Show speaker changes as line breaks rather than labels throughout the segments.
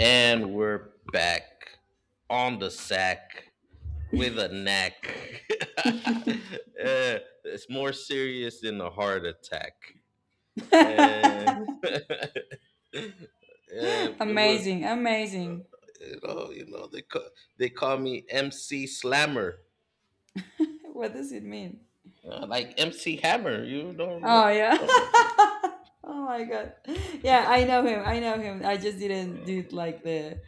And we're back on the sack with a knack. It's more serious than a heart attack. Eh, eh, but we're,
Amazing, amazing.
you know, they call me MC Slammer,
What does it mean?
Like MC Hammer. You
Oh yeah.
don't-
Oh my god. Yeah, I know him. I know him. I just didn't do it like the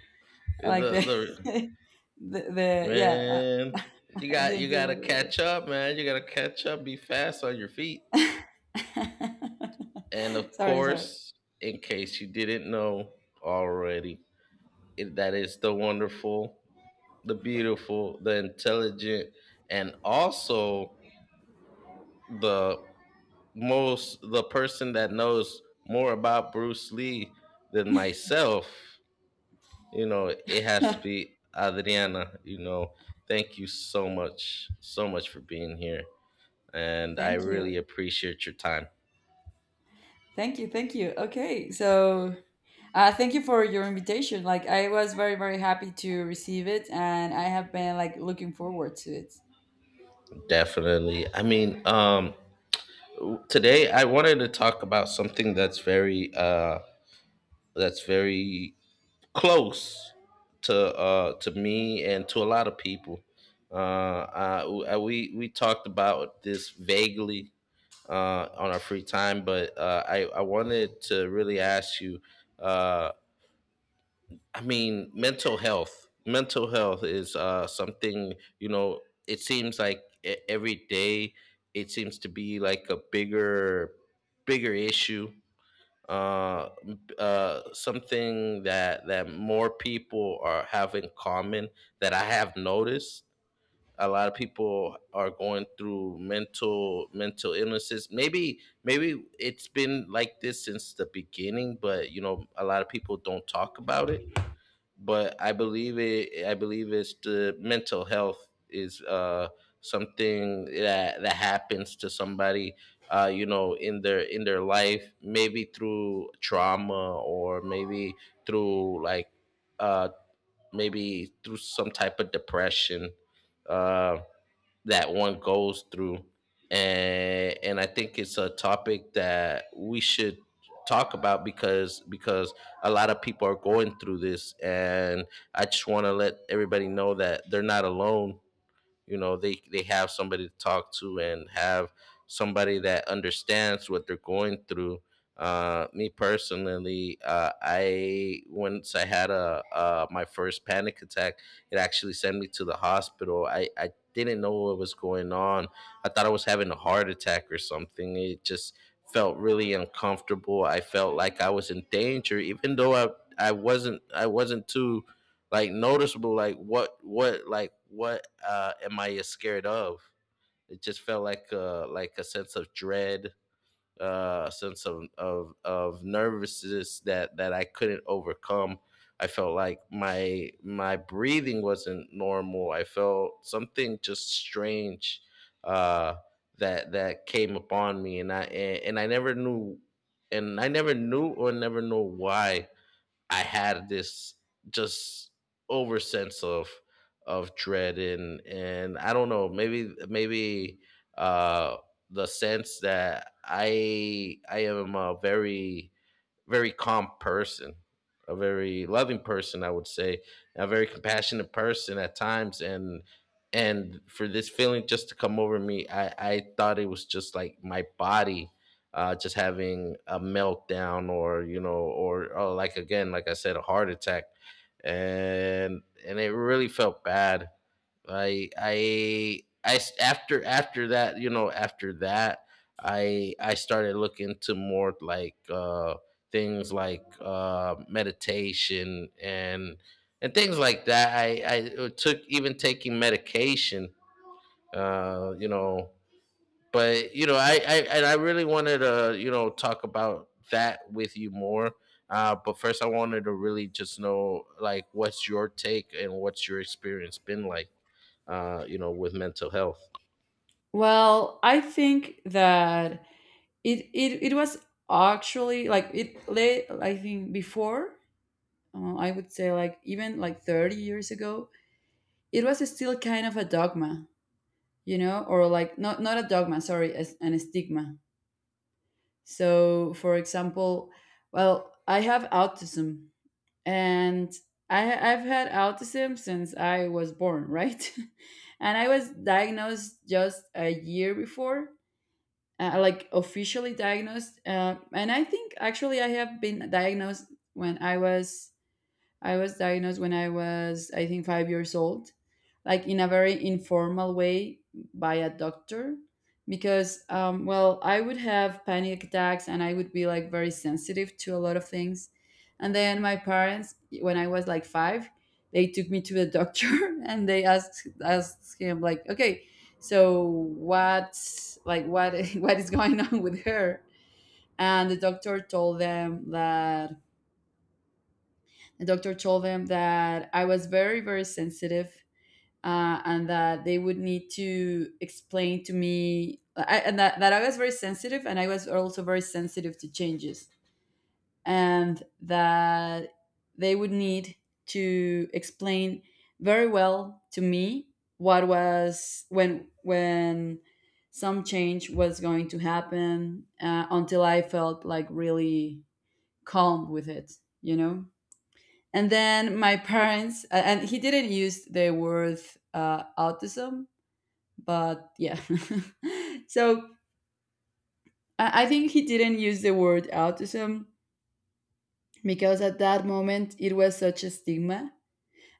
like the
the
the, the yeah.
man.
I,
You
I
got you
didn't
gotta
do
catch up, man. You gotta catch up. Be fast on your feet.
the
And of
sorry, sorry.
course, in case you didn't know already, that is the wonderful, the beautiful, the intelligent, and also the the person that knows more about Bruce Lee than myself. You know, it has to be Adriana. Thank you so much, so much for being here. And I
Thank
really
you.
appreciate your time.
Thank you. Thank you. Okay. So, thank you for your invitation. Like, I was very, very happy to receive it, and I have been like looking forward to it.
Definitely. I mean, today I wanted to talk about something that's very close to me and to a lot of people. We talked about this vaguely on our free time, but I wanted to really ask you, uh I mean, mental health. Mental health is something, you know, it seems like every day it seems to be like a bigger issue, uh, something that that more people are have in common, that I have noticed. A lot of people are going through mental illnesses. Maybe it's been like this since the beginning, but you know, a lot of people don't talk about it, but I believe it. I believe it's the mental health is, something that happens to somebody, you know, in their life, maybe through trauma, or through like uh, maybe through some type of depression Uh, that one goes through. And I think it's a topic that we should talk about, because a lot of people are going through this, and I just want to let everybody know that they're not alone. You know, they have somebody to talk to, and have somebody that understands what they're going through. Me personally, I once I had a my first panic attack. It actually sent me to the hospital. I didn't know what was going on. I thought I was having a heart attack or something. It just felt really uncomfortable. I felt like I was in danger, even though I wasn't too noticeable, like what like what am I scared of? It just felt like a sense of dread, a sense of nervousness that I couldn't overcome. I felt like my breathing wasn't normal. I felt something just strange, uh that came upon me. And I never knew, and I never knew or never know why I had this just over sense of dread. And I don't know. Maybe, uh the sense that I am a very calm person, a very loving person, I would say, a very compassionate person at times, and for this feeling just to come over me, I thought it was just like my body. Just having a meltdown, or you know, or like again like I said, a heart attack. And it really felt bad. I s- after After that, you know, after that, I started looking to more like things like meditation and things like that. I took, even taking medication, you know. But you know, I, and I really wanted to, you know, talk about that with you more. But first, I wanted to really just know like, what's your take and what's your experience been like, you know, with mental health,
Well, I think that it was actually like it late, I think, before, I would say, like, even like 30 years ago it was still kind of a dogma, or like not a dogma, sorry, as an stigma. So, for example, well, I have autism, and I've had autism since I was born, right? And I was diagnosed just a year before, like officially diagnosed, and I think actually when i was I was diagnosed when I was, I think, 5 years old, like in a very informal way by a doctor, because well, I would have panic attacks and I would be like very sensitive to a lot of things. And then my parents, when I was like five, they took me to the doctor and they asked him like, okay, so what's, like, what what is going on with her. And the doctor told them that I was very, very sensitive, and that they would need to explain to me. And that I was very sensitive, and I was also very sensitive to changes, and that they would need to explain very well to me what was, when some change was going to happen, until I felt like really calm with it you know and then my parents, and he didn't use the word, autism, but yeah. So I think he didn't use the word autism because at that moment it was such a stigma.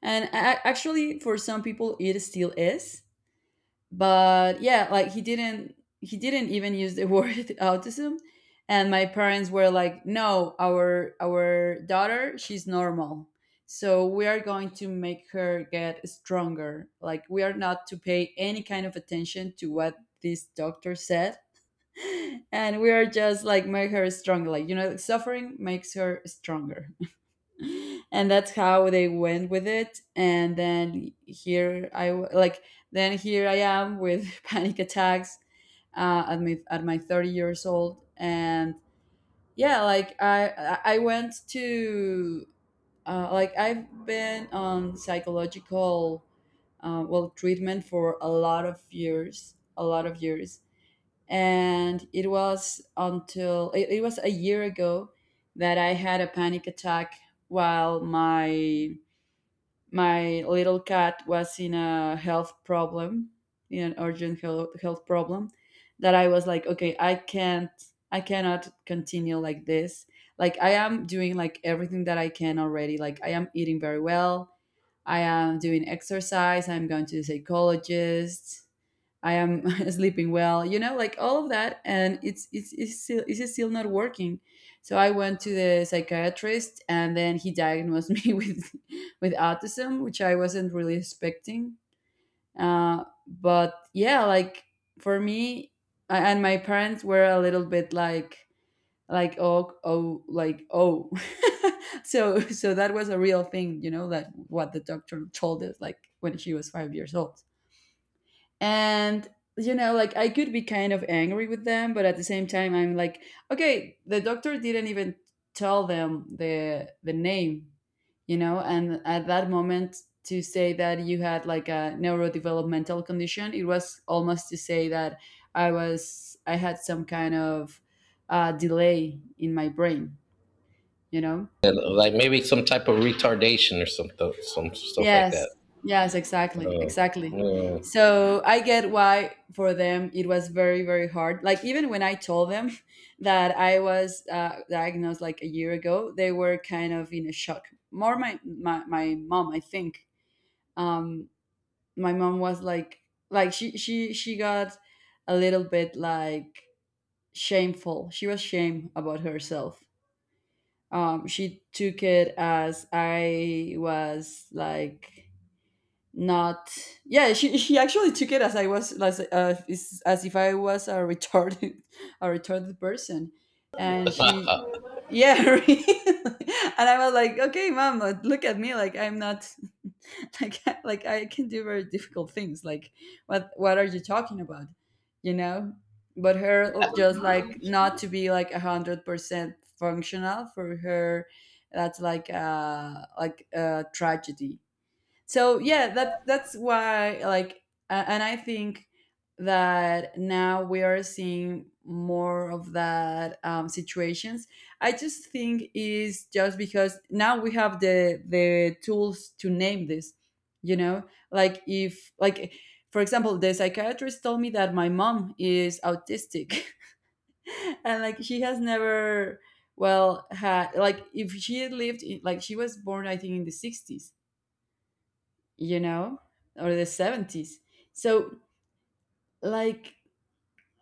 And actually, for some people, it still is. But yeah, like he didn't even use the word autism. And my parents were like, no, our daughter, she's normal, so we are going to make her get stronger. Like, we are not to pay any kind of attention to what this doctor said. And we are just like, make her stronger, like, like, suffering makes her stronger. And that's how they went with it. And then here I w- like then here I am with panic attacks, at my 30 years old. And yeah, like, I went to like I've been on psychological, treatment for a lot of years, a lot of years. And it was until it was a year ago that I had a panic attack while my little cat was in a health problem, in an urgent health problem, that I was like, okay, I can't, I cannot continue like this. Like, I am doing like everything that I can already. Like, I am eating very well. I am doing exercise. I'm going to the psychologist. I am sleeping well, you know, like all of that, and it's still not working. So I went to the psychiatrist, and then he diagnosed me with autism, which I wasn't really expecting. But yeah, like for me, and my parents were a little bit like, oh, oh, like, oh. So that was a real thing, you know, that what the doctor told us, like when she was 5 years old. And you know, like, I could be kind of angry with them, but at the same time I'm like, okay, the doctor didn't even tell them the name, you know. And at that moment, to say that you had like a neurodevelopmental condition, it was almost to say that I had some kind of, delay in my brain you know
and, like maybe some type of retardation or something, some stuff like that.
Yes, yes, exactly,
Uh,
exactly.
uh,
So I get why for them it was very, very hard. Like, even when I told them that I was, diagnosed, like, a year ago, they were kind of in a shock. More my mom, I think. Um, my mom was like she got a little bit like shameful. She was shame about herself. She took it as I was like not, yeah, she actually took it as I was as is- as if I was a retarded a retarded person. And she, yeah, really. And I was like, okay, mom, look at me. Like, I'm not, like, I can do very difficult things. Like, what are you talking about? You know. But her, just like, not to be like 100% functional for her, that's like, like, a tragedy. So yeah, that's why, like, and I think that now we are seeing more of that, situations. I just think is just because now we have the tools to name this you know like, if, like, for example, the psychiatrist told me that my mom is autistic, and like she has never, well, had, like, if she had lived in, like, she was born, I think, in the 60s, you know, or the 70s. So, like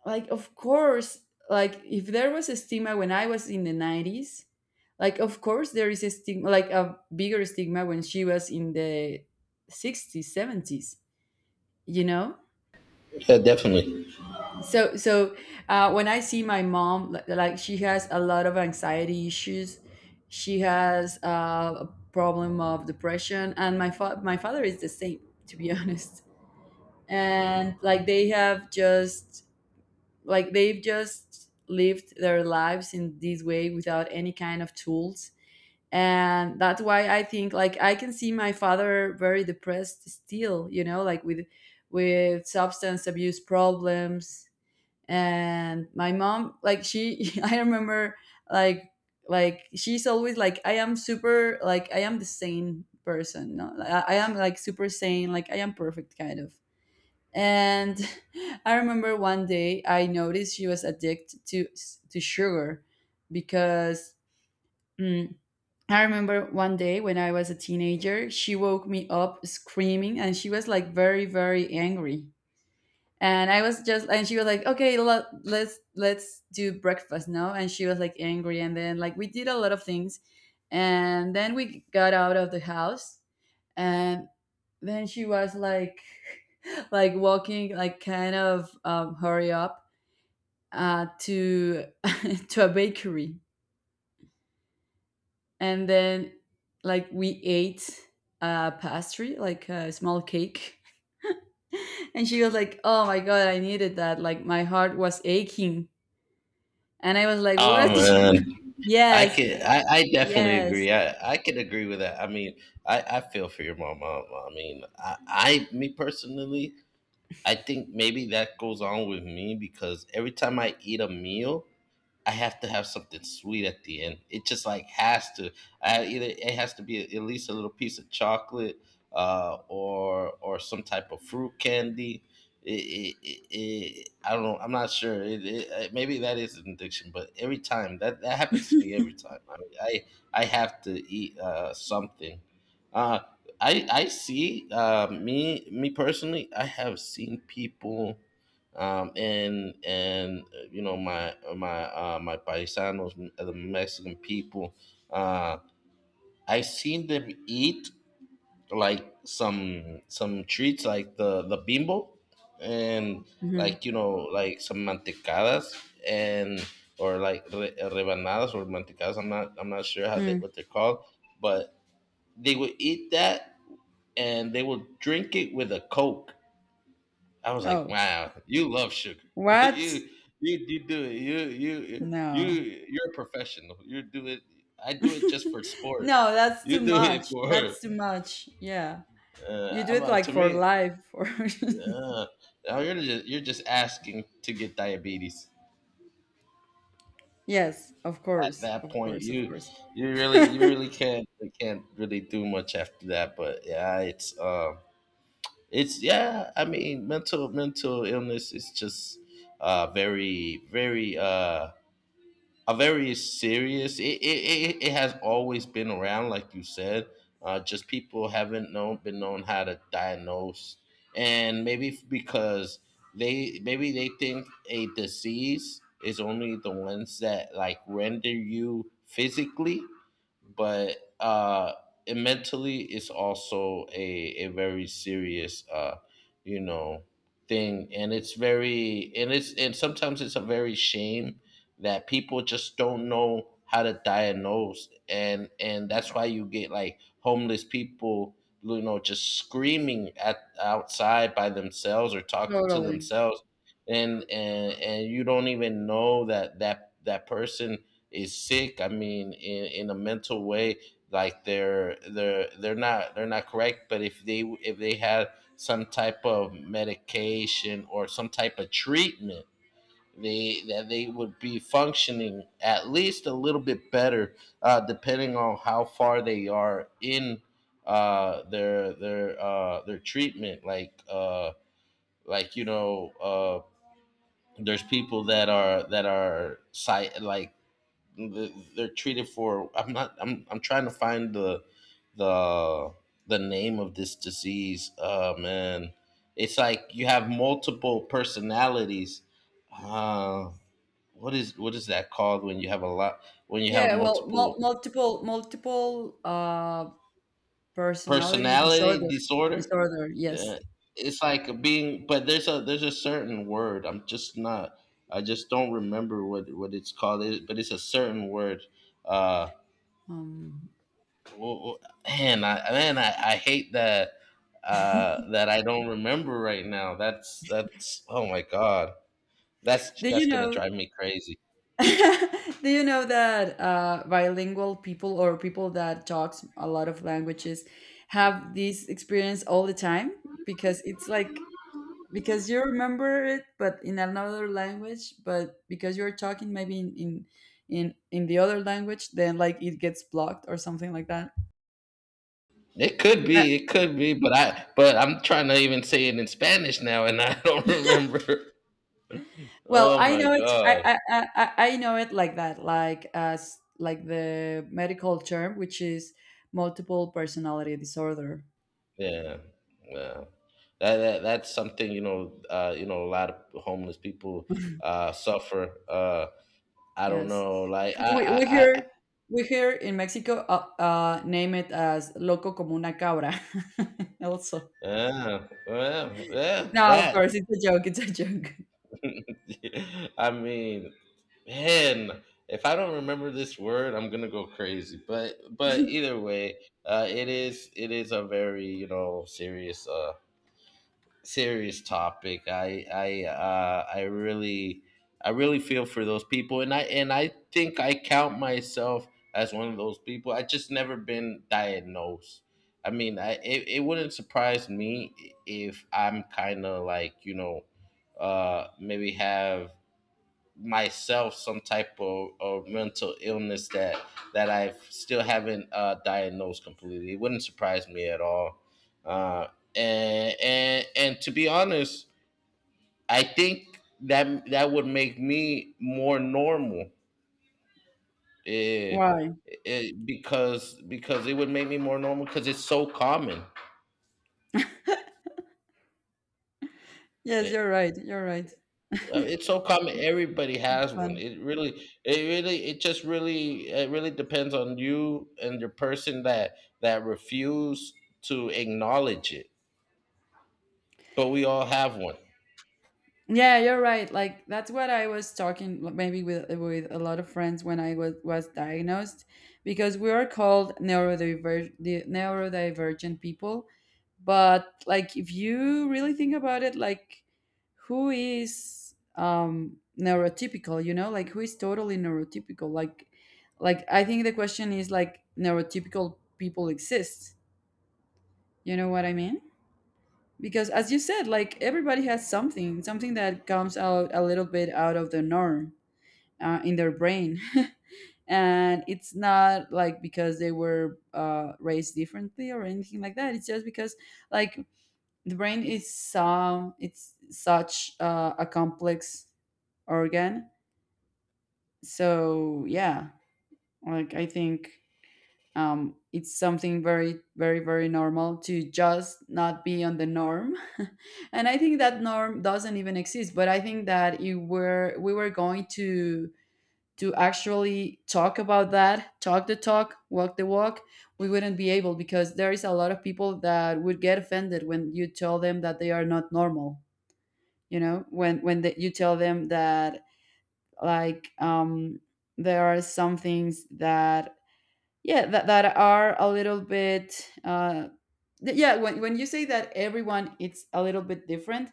like, of course, like if there was a stigma when I was in the 90s, like, of course, there is a stigma, like a bigger stigma, when she was in the 60s, 70s, you know?
yeah, definitely.
So when I see my mom, li- like, she has a lot of anxiety issues. She has, a problem of depression. And my my father is the same, to be honest. And like they've just lived their lives in this way without any kind of tools. And that's why I think, like, I can see my father very depressed still, you know, like with substance abuse problems. And my mom, like, she I remember, like, she's always like, I am super, like, I am the sane person, no? Like, I am like super sane, like I am perfect kind of. And I remember one day I noticed she was addicted to sugar because, mm, I remember one day when I was a teenager. She woke me up screaming, and she was like very, very angry. And I was just, and she was like, "Okay, let's do breakfast now." And she was like angry, and then, like, we did a lot of things, and then we got out of the house. And then she was like like walking, like, kind of, hurry up, to to a bakery. And then, like, we ate a pastry, like a small cake. And she was like, oh my god, I needed that, like, my heart was aching. And I was like,
Oh
what?
man,
Yes,
I definitely
yes.
agree. I could agree with that. I mean, I feel for your mom. Me personally, I think maybe that goes on with me because every time I eat a meal, I have to have something sweet at the end. It just like has to. I either It has to be at least a little piece of chocolate, or some type of fruit candy. I don't know. I'm not sure. Maybe that is an addiction, but every time that happens to me, every time. I mean, I have to eat something. Uh, I see, me personally. I have seen people, and you know, my paisanos, the Mexican people. Uh, I seen them eat like some treats, like the bimbo, and
Mhm.
like you know, like some mantecadas, and or like rebanadas or mantecadas. I'm not sure how they,
Mm.
what they're called, but they would eat that and they would drink it with a coke. I was like,
Oh,
wow, you love sugar.
what?
you you do it.
No.
You're a professional. You do it. I do it just for sport.
No, that's too
You do it
much,
for,
that's too much, yeah. You do
I'm
it
like,
like
to
for
me.
life. Or
Uh, now you're just, asking to get diabetes.
yes, of
At
course,
that
of
point,
course, of
you
course.
you really, you really can't you can't really do much after that. But yeah, it's yeah. I mean, mental illness is just very a very serious. It has always been around, like you said. Just people haven't known, been known how to diagnose, and maybe because they maybe they think a disease is only the ones that like render you physically, but, it mentally it's also a very serious, you know, thing, and it's very, and it's, and sometimes it's a very shame that people just don't know how to diagnose. And that's why you get like homeless people, you know, just screaming at outside by themselves, or talking to
Totally.
themselves. And you don't even know that that person is sick. I mean, in a mental way. Like they're not, they're not correct. But if they had some type of medication or some type of treatment, they that they would be functioning at least a little bit better, depending on how far they are in their treatment. Like, you know, there's people that are site like they're treated for. I'm not. I'm trying to find the the the name of this disease. Oh man, it's like you have multiple personalities. Uh, what is that called when you have a lot, when you have
Yeah, well, mul
multiple
multiple multiple uh personality
personality
disorder.
disorder?
Disorder, yes.
Yeah. It's like being, but there's a certain word, I'm just not, I just don't remember what it's called it, but it's a certain word. uh
Um
w- w- I hate that, that I don't remember right now. That's, oh my god,
do you
that's gonna
know,
drive me crazy.
do you know that bilingual people or people that talks a lot of languages have this experience all the time, because it's like, because you remember it but in another language, but because you're talking maybe in, in the other language, then like it gets blocked or something like that.
It could
Uh,
be, but I, but I'm trying to even say it in Spanish now, and I don't remember.
well,
Oh
I
my
know it
god.
I know it like that, like as like the medical term, which is multiple personality disorder.
Yeah. Yeah. That that's something, you know, a lot of homeless people suffer. Uh, I don't
Yes,
know, like
we, we, we
I,
hear we hear in Mexico, name it as loco como una cabra, also.
yeah, well, yeah,
No, of
that.
course, it's a joke, it's a joke.
I mean, man, if I don't remember this word, I'm gonna go crazy. But either way, it is, it is a very, you know, serious, serious topic. I really, I really feel for those people, and I think I count myself as one of those people. I just never been diagnosed. I mean I it, it wouldn't surprise me if I'm kind of like, you know, maybe have myself some type of mental illness that I still haven't, diagnosed completely. It wouldn't surprise me at all. Uh, and to be honest, I think that would make me more normal. Eh,
Why?
because, it would make me more normal because it's so common.
Yes,
Eh,
you're right. You're right. It's
It's so common. Everybody has one.
fun.
It really, it just really, it really depends on you and the person that refuse to acknowledge it. But we all have one.
Yeah, you're right. Like, that's what I was talking, like, maybe with a lot of friends when I was diagnosed, because we are called neurodiver the neurodivergent people. But like, if you really think about it, like, who is neurotypical, you know? Like, who is totally neurotypical? Like, I think the question is, like, neurotypical people exist. You know what I mean? Because as you said, like, everybody has something that comes out a little bit out of the norm in their brain and it's not like because they were raised differently or anything like that. It's just because, like, the brain is so, it's such a complex organ. So yeah, like I think it's something very normal to just not be on the norm and I think that norm doesn't even exist, but I think that you were we were going to actually talk about that, talk the talk, walk the walk, we wouldn't be able, because there is a lot of people that would get offended when you tell them that they are not normal. You know, when you tell them that, like, there are some things that, yeah, that are a little bit yeah, when you say that everyone it's a little bit different,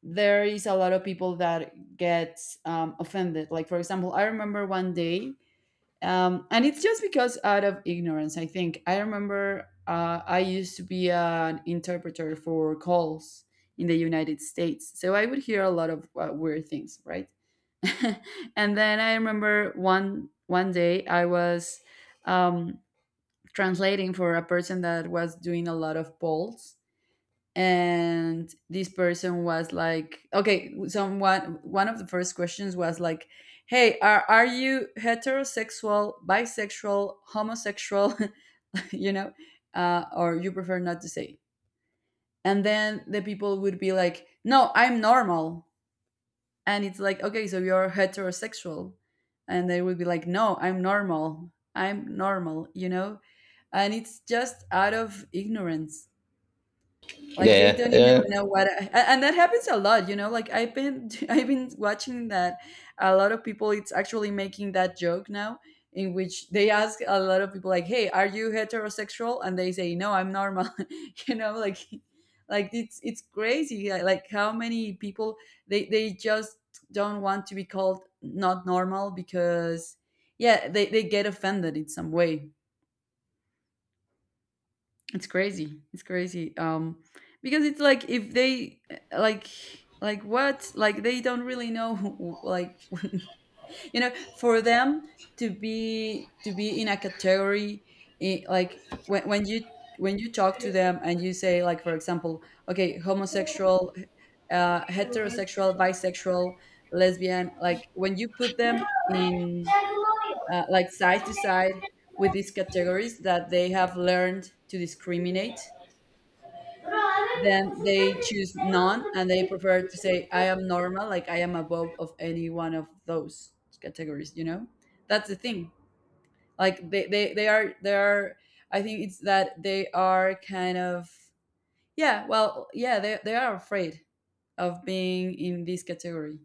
there is a lot of people that get offended. Like for example, I remember one day, and it's just because out of ignorance, I think. I remember, I used to be an interpreter for calls in the United States. So I would hear a lot of weird things, right? And then I remember one day I was um, translating for a person that was doing a lot of polls. And this person was like, okay, someone, one of the first questions was like, hey, are you heterosexual, bisexual, homosexual? You know, or you prefer not to say. And then the people would be like, no, I'm normal. And it's like, okay, so you're heterosexual. And they would be like, no, I'm normal, I'm normal, you know. And it's just out of ignorance. Like, they don't even
Yeah,
know what and that happens a lot, you know, like I've been I've been watching that. A lot of people it's actually making that joke now, in which they ask a lot of people like, hey, are you heterosexual, and they say, no, I'm normal you know, like it's crazy, like how many people, they just don't want to be called not normal because, yeah, they get offended in some way. It's crazy. It's crazy. Because it's like if they like what, like they don't really know like you know, for them to be in a category. I like when when you talk to them and you say, like for example, okay, homosexual, heterosexual, bisexual, lesbian, like when you put them in, like side to side with these categories that they have learned to discriminate, then they choose none and they
yeah.
prefer to say, I am normal, like I am above of any one of those categories, you know. That's the thing. Like they are I think it's that they are kind of, yeah, well yeah, they are afraid of being in this category.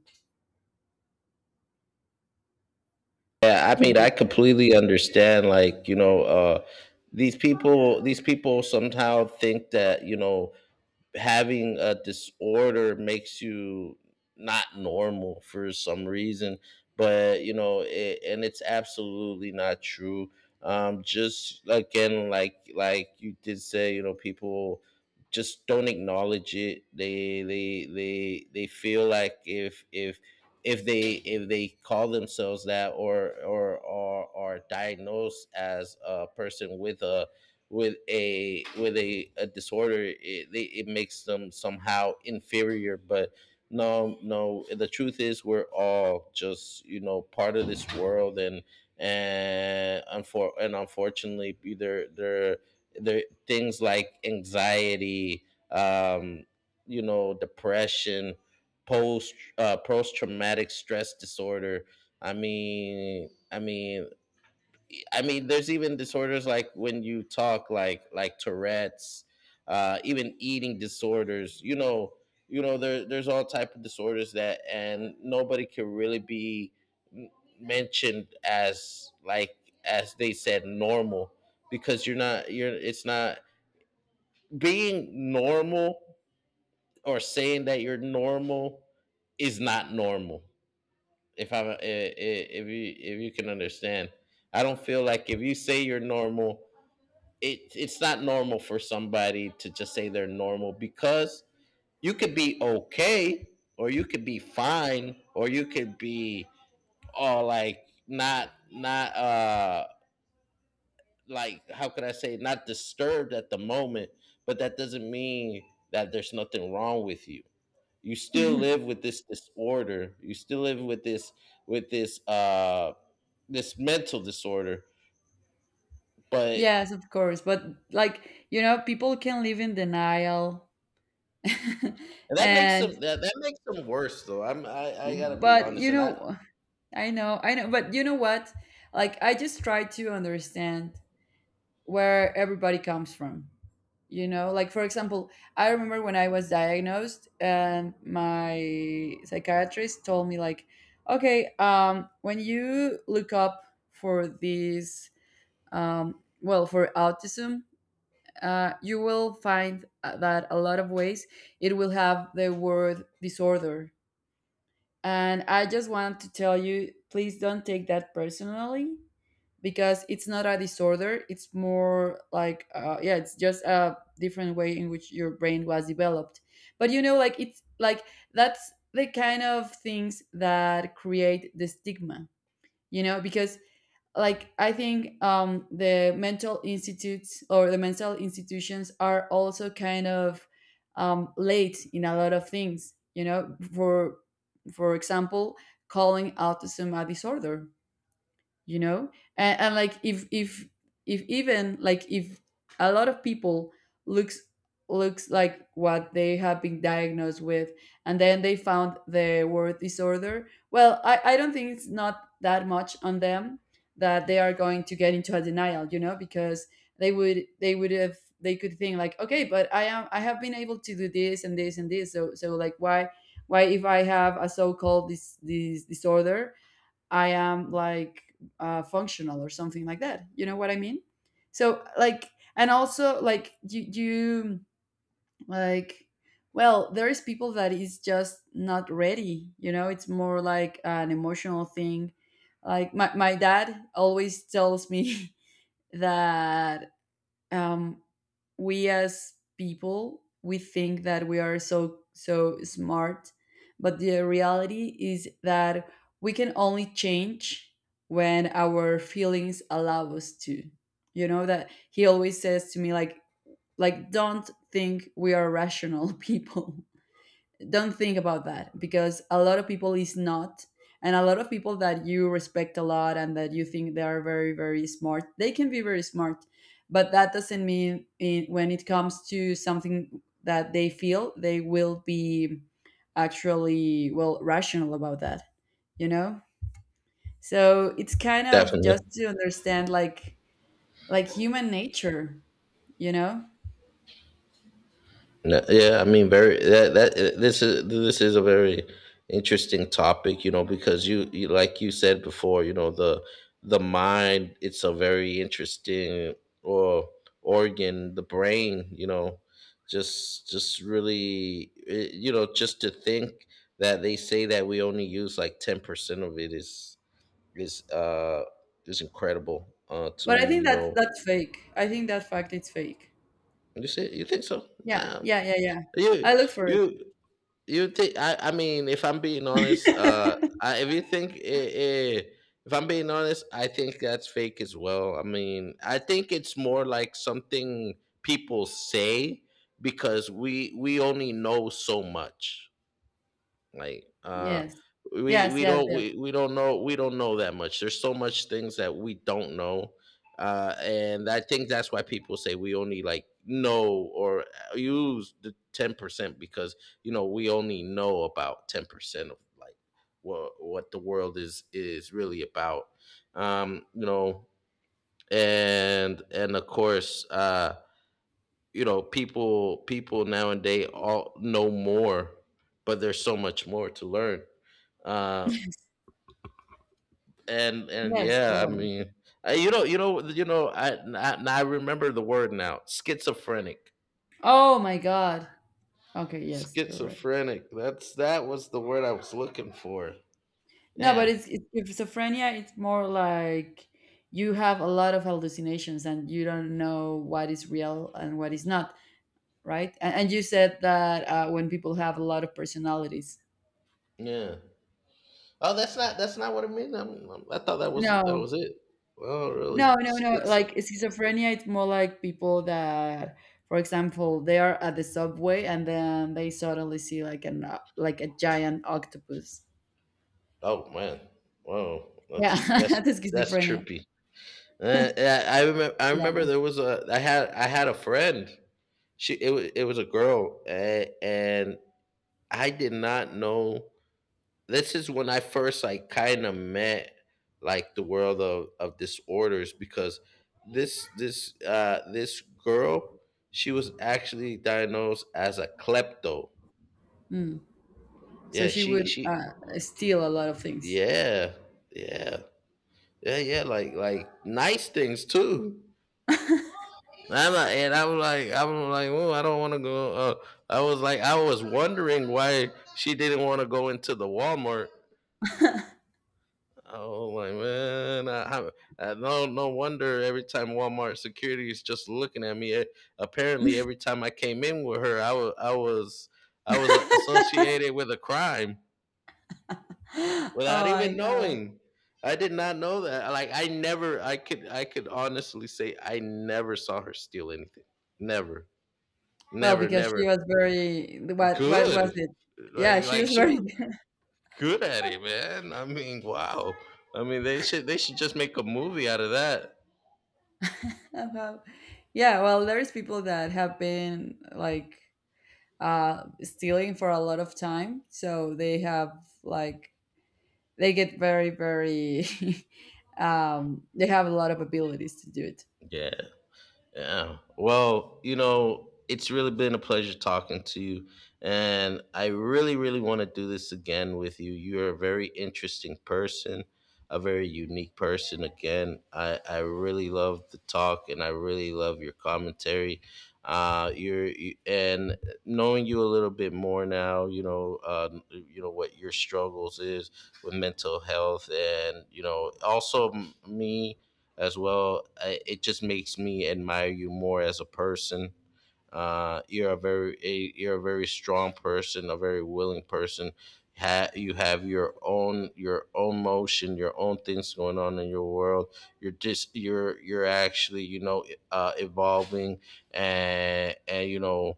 Yeah, I mean,
To
I completely understand. Like, you know, these people somehow think that, you know, having a disorder makes you not normal for some reason. But you know it, and it's absolutely not true. Just again, like you did say, you know, people just don't acknowledge it. They feel like if if they, if they call themselves that, or are diagnosed as a person with a a disorder, it makes them somehow inferior. But no, no, the truth is we're all just, you know, part of this world. And and unfortunately there things like anxiety, um you know, depression, post traumatic stress disorder. i mean i mean I mean, there's even disorders like when you talk, like Tourette's, even eating disorders. You know, there's all type of disorders that, and nobody can really be m- mentioned as, like, as they said, normal. Because you're not, you're, it's not being normal, or saying that you're normal, is not normal. If if you, if you can understand, I don't feel like if you say you're normal it, it's not normal for somebody to just say they're normal. Because you could be okay, or you could be fine, or you could be all, oh, like, not, like, how could I say, not disturbed at the moment, but that doesn't mean that there's nothing wrong with you. You still live with this disorder. You still live with this, with this uh this mental disorder, but—
yes, of course, but, like, you know, people can live in denial
And that makes
and
them, that makes them worse, though. I gotta be
but
honest,
you
and I—
know, I know, I know. But you know what? Like, I just try to understand where everybody comes from. You know, like, for example, I remember when I was diagnosed, and my psychiatrist told me, like, okay, when you look up for these, well, for autism, you will find that a lot of ways it will have the word disorder. And I just want to tell you, please don't take that personally, because it's not a disorder. It's more like, yeah, it's just a different way in which your brain was developed. But you know, like, it's like, that's the kind of things that create the stigma, you know. Because, like, I think the mental institutes or the mental institutions are also kind of late in a lot of things, you know. For example, calling autism a disorder, you know. And like if if even, like, if a lot of people looks looks like what they have been diagnosed with, and then they found the word disorder, well, I don't think it's not that much on them that they are going to get into a denial, you know. Because they would have, they could think like, okay, but I am, I have been able to do this and this and this, so so like why if I have a so-called this disorder, I am like functional or something like that. You know what I mean? So like, and also like you like, well, there is people that is just not ready. You know, it's more like an emotional thing. Like my dad always tells me that um, we as people we think that we are so smart, but the reality is that we can only change when our feelings allow us to. You know, that he always says to me, like don't think we are rational people. Don't think about that, because a lot of people is not. And a lot of people that you respect a lot and that you think they are very smart, they can be very smart, but that doesn't mean when it comes to something that they feel, they will be actually, well, rational about that, you know. So it's kind of just
Definitely.
to understand, like human nature, you know.
No, yeah, I mean, very— that that This is, this is a very interesting topic, you know. Because you like you said before, you know, the mind, it's a very interesting, or organ, the brain, you know. Just really, you know, just to think that they say that we only use like 10% of it is is uh is incredible, to
But I
me,
think
you
that
know.
that's fake. I think that fact it's fake.
You say? You think so?
Yeah,
Um,
yeah, yeah, yeah.
you
I look for it.
you, you think— I mean, if I'm being honest, I, if you think, if I'm being honest, I think that's fake as well. I mean, I think it's more like something people say. Because we only know so much, like,
Yes.
we
Yes,
we
yes,
don't
yes.
we, we don't know, we don't know that much. There's so much things that we don't know. And I think that's why people say we only like know, or use the 10%. Because, you know, we only know about 10% of, like, what the world is really about. Um, you know. And of course, you know, people, people nowadays all know more, but there's so much more to learn. uh and
Yes,
yeah, I
totally.
mean— I, you know, you know I remember the word now, schizophrenic.
Oh my God. Okay, yes, you're right.
Schizophrenic, that's, that was the word I was looking for.
No, but
Damn.
it's with schizophrenia, it's more like you have a lot of hallucinations and you don't know what is real and what is not, right? And you said that when people have a lot of personalities.
Yeah. Oh, that's not, that's not what it means. I thought that was, that
No,
was it. Well, really,
no, no, no.
schizo—
Like schizophrenia, it's more like people that, for example, they are at the subway and then they suddenly see like an like a giant octopus.
Oh man. Whoa,
Yeah,
that's,
that's
that's
schizophrenia.
trippy. Uh, I remember. I
Yeah.
remember there was a— I had— I had a friend. She— It was— It was a girl, and I did not know. This is when I first, like, kind of met, like, the world of disorders. Because this, this girl, she was actually diagnosed as a klepto.
Mm. So
Yeah.
she
She.
would
She.
steal a lot of things.
Yeah. Yeah. Yeah. Yeah. Like nice things too. I'm like, and I was like, I'm like, oh, I don't want to go. I was like, I was wondering why she didn't want to go into the Walmart. I was like, man, I— No, no wonder every time Walmart security is just looking at me. Eh, apparently, every time I came in with her, I was
Oh
associated with a crime without
my
even
god.
knowing. I did not know that. Like, I never, I could honestly say, I never saw her steal anything. Never,
Well,
never,
because she
never.
was very, what was
Good.
it? Yeah,
Like
she
like
was
she
very
was good at it, man. I mean, wow. I mean, they should just make a movie out of that.
Well, yeah, well, there's people that have been like stealing for a lot of time, so they have, like, they get very they have a lot of abilities to do it.
Yeah. Yeah. Well, you know, it's really been a pleasure talking to you. And I really, really want to do this again with you. You're a very interesting person, a very unique person. Again, I really love the talk and I really love your commentary. And knowing you a little bit more now, you know what your struggles is with mental health, and, you know, also me as well. It just makes me admire you more as a person. You're a very you're a very strong person, a very willing person. You have your own, your own motion, your own things going on in your world. You're just, you're actually, you know, evolving, and you know,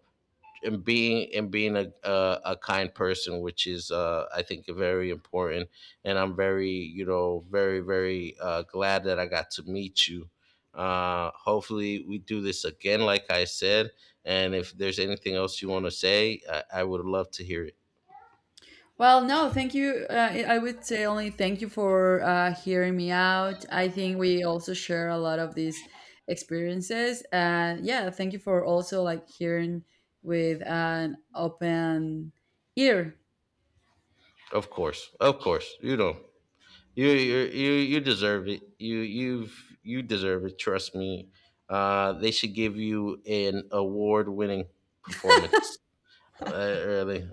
and being a kind person, which is, I think, very important. And I'm very, you know, very glad that I got to meet you. Hopefully we do this again, like I said. And if there's anything else you want to say, I would love to hear it.
Well, no, thank you. I would say only thank you for hearing me out. I think we also share a lot of these experiences, and yeah, thank you for also, like, hearing with an open ear.
Of course, you know. You, you deserve it. You you deserve it. Trust me. They should give you an award-winning performance. Really.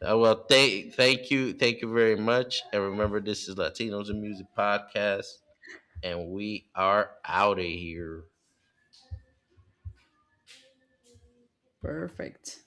Well, thank you very much, and remember, this is Latinos in Music podcast, and we are out of here.
Perfect.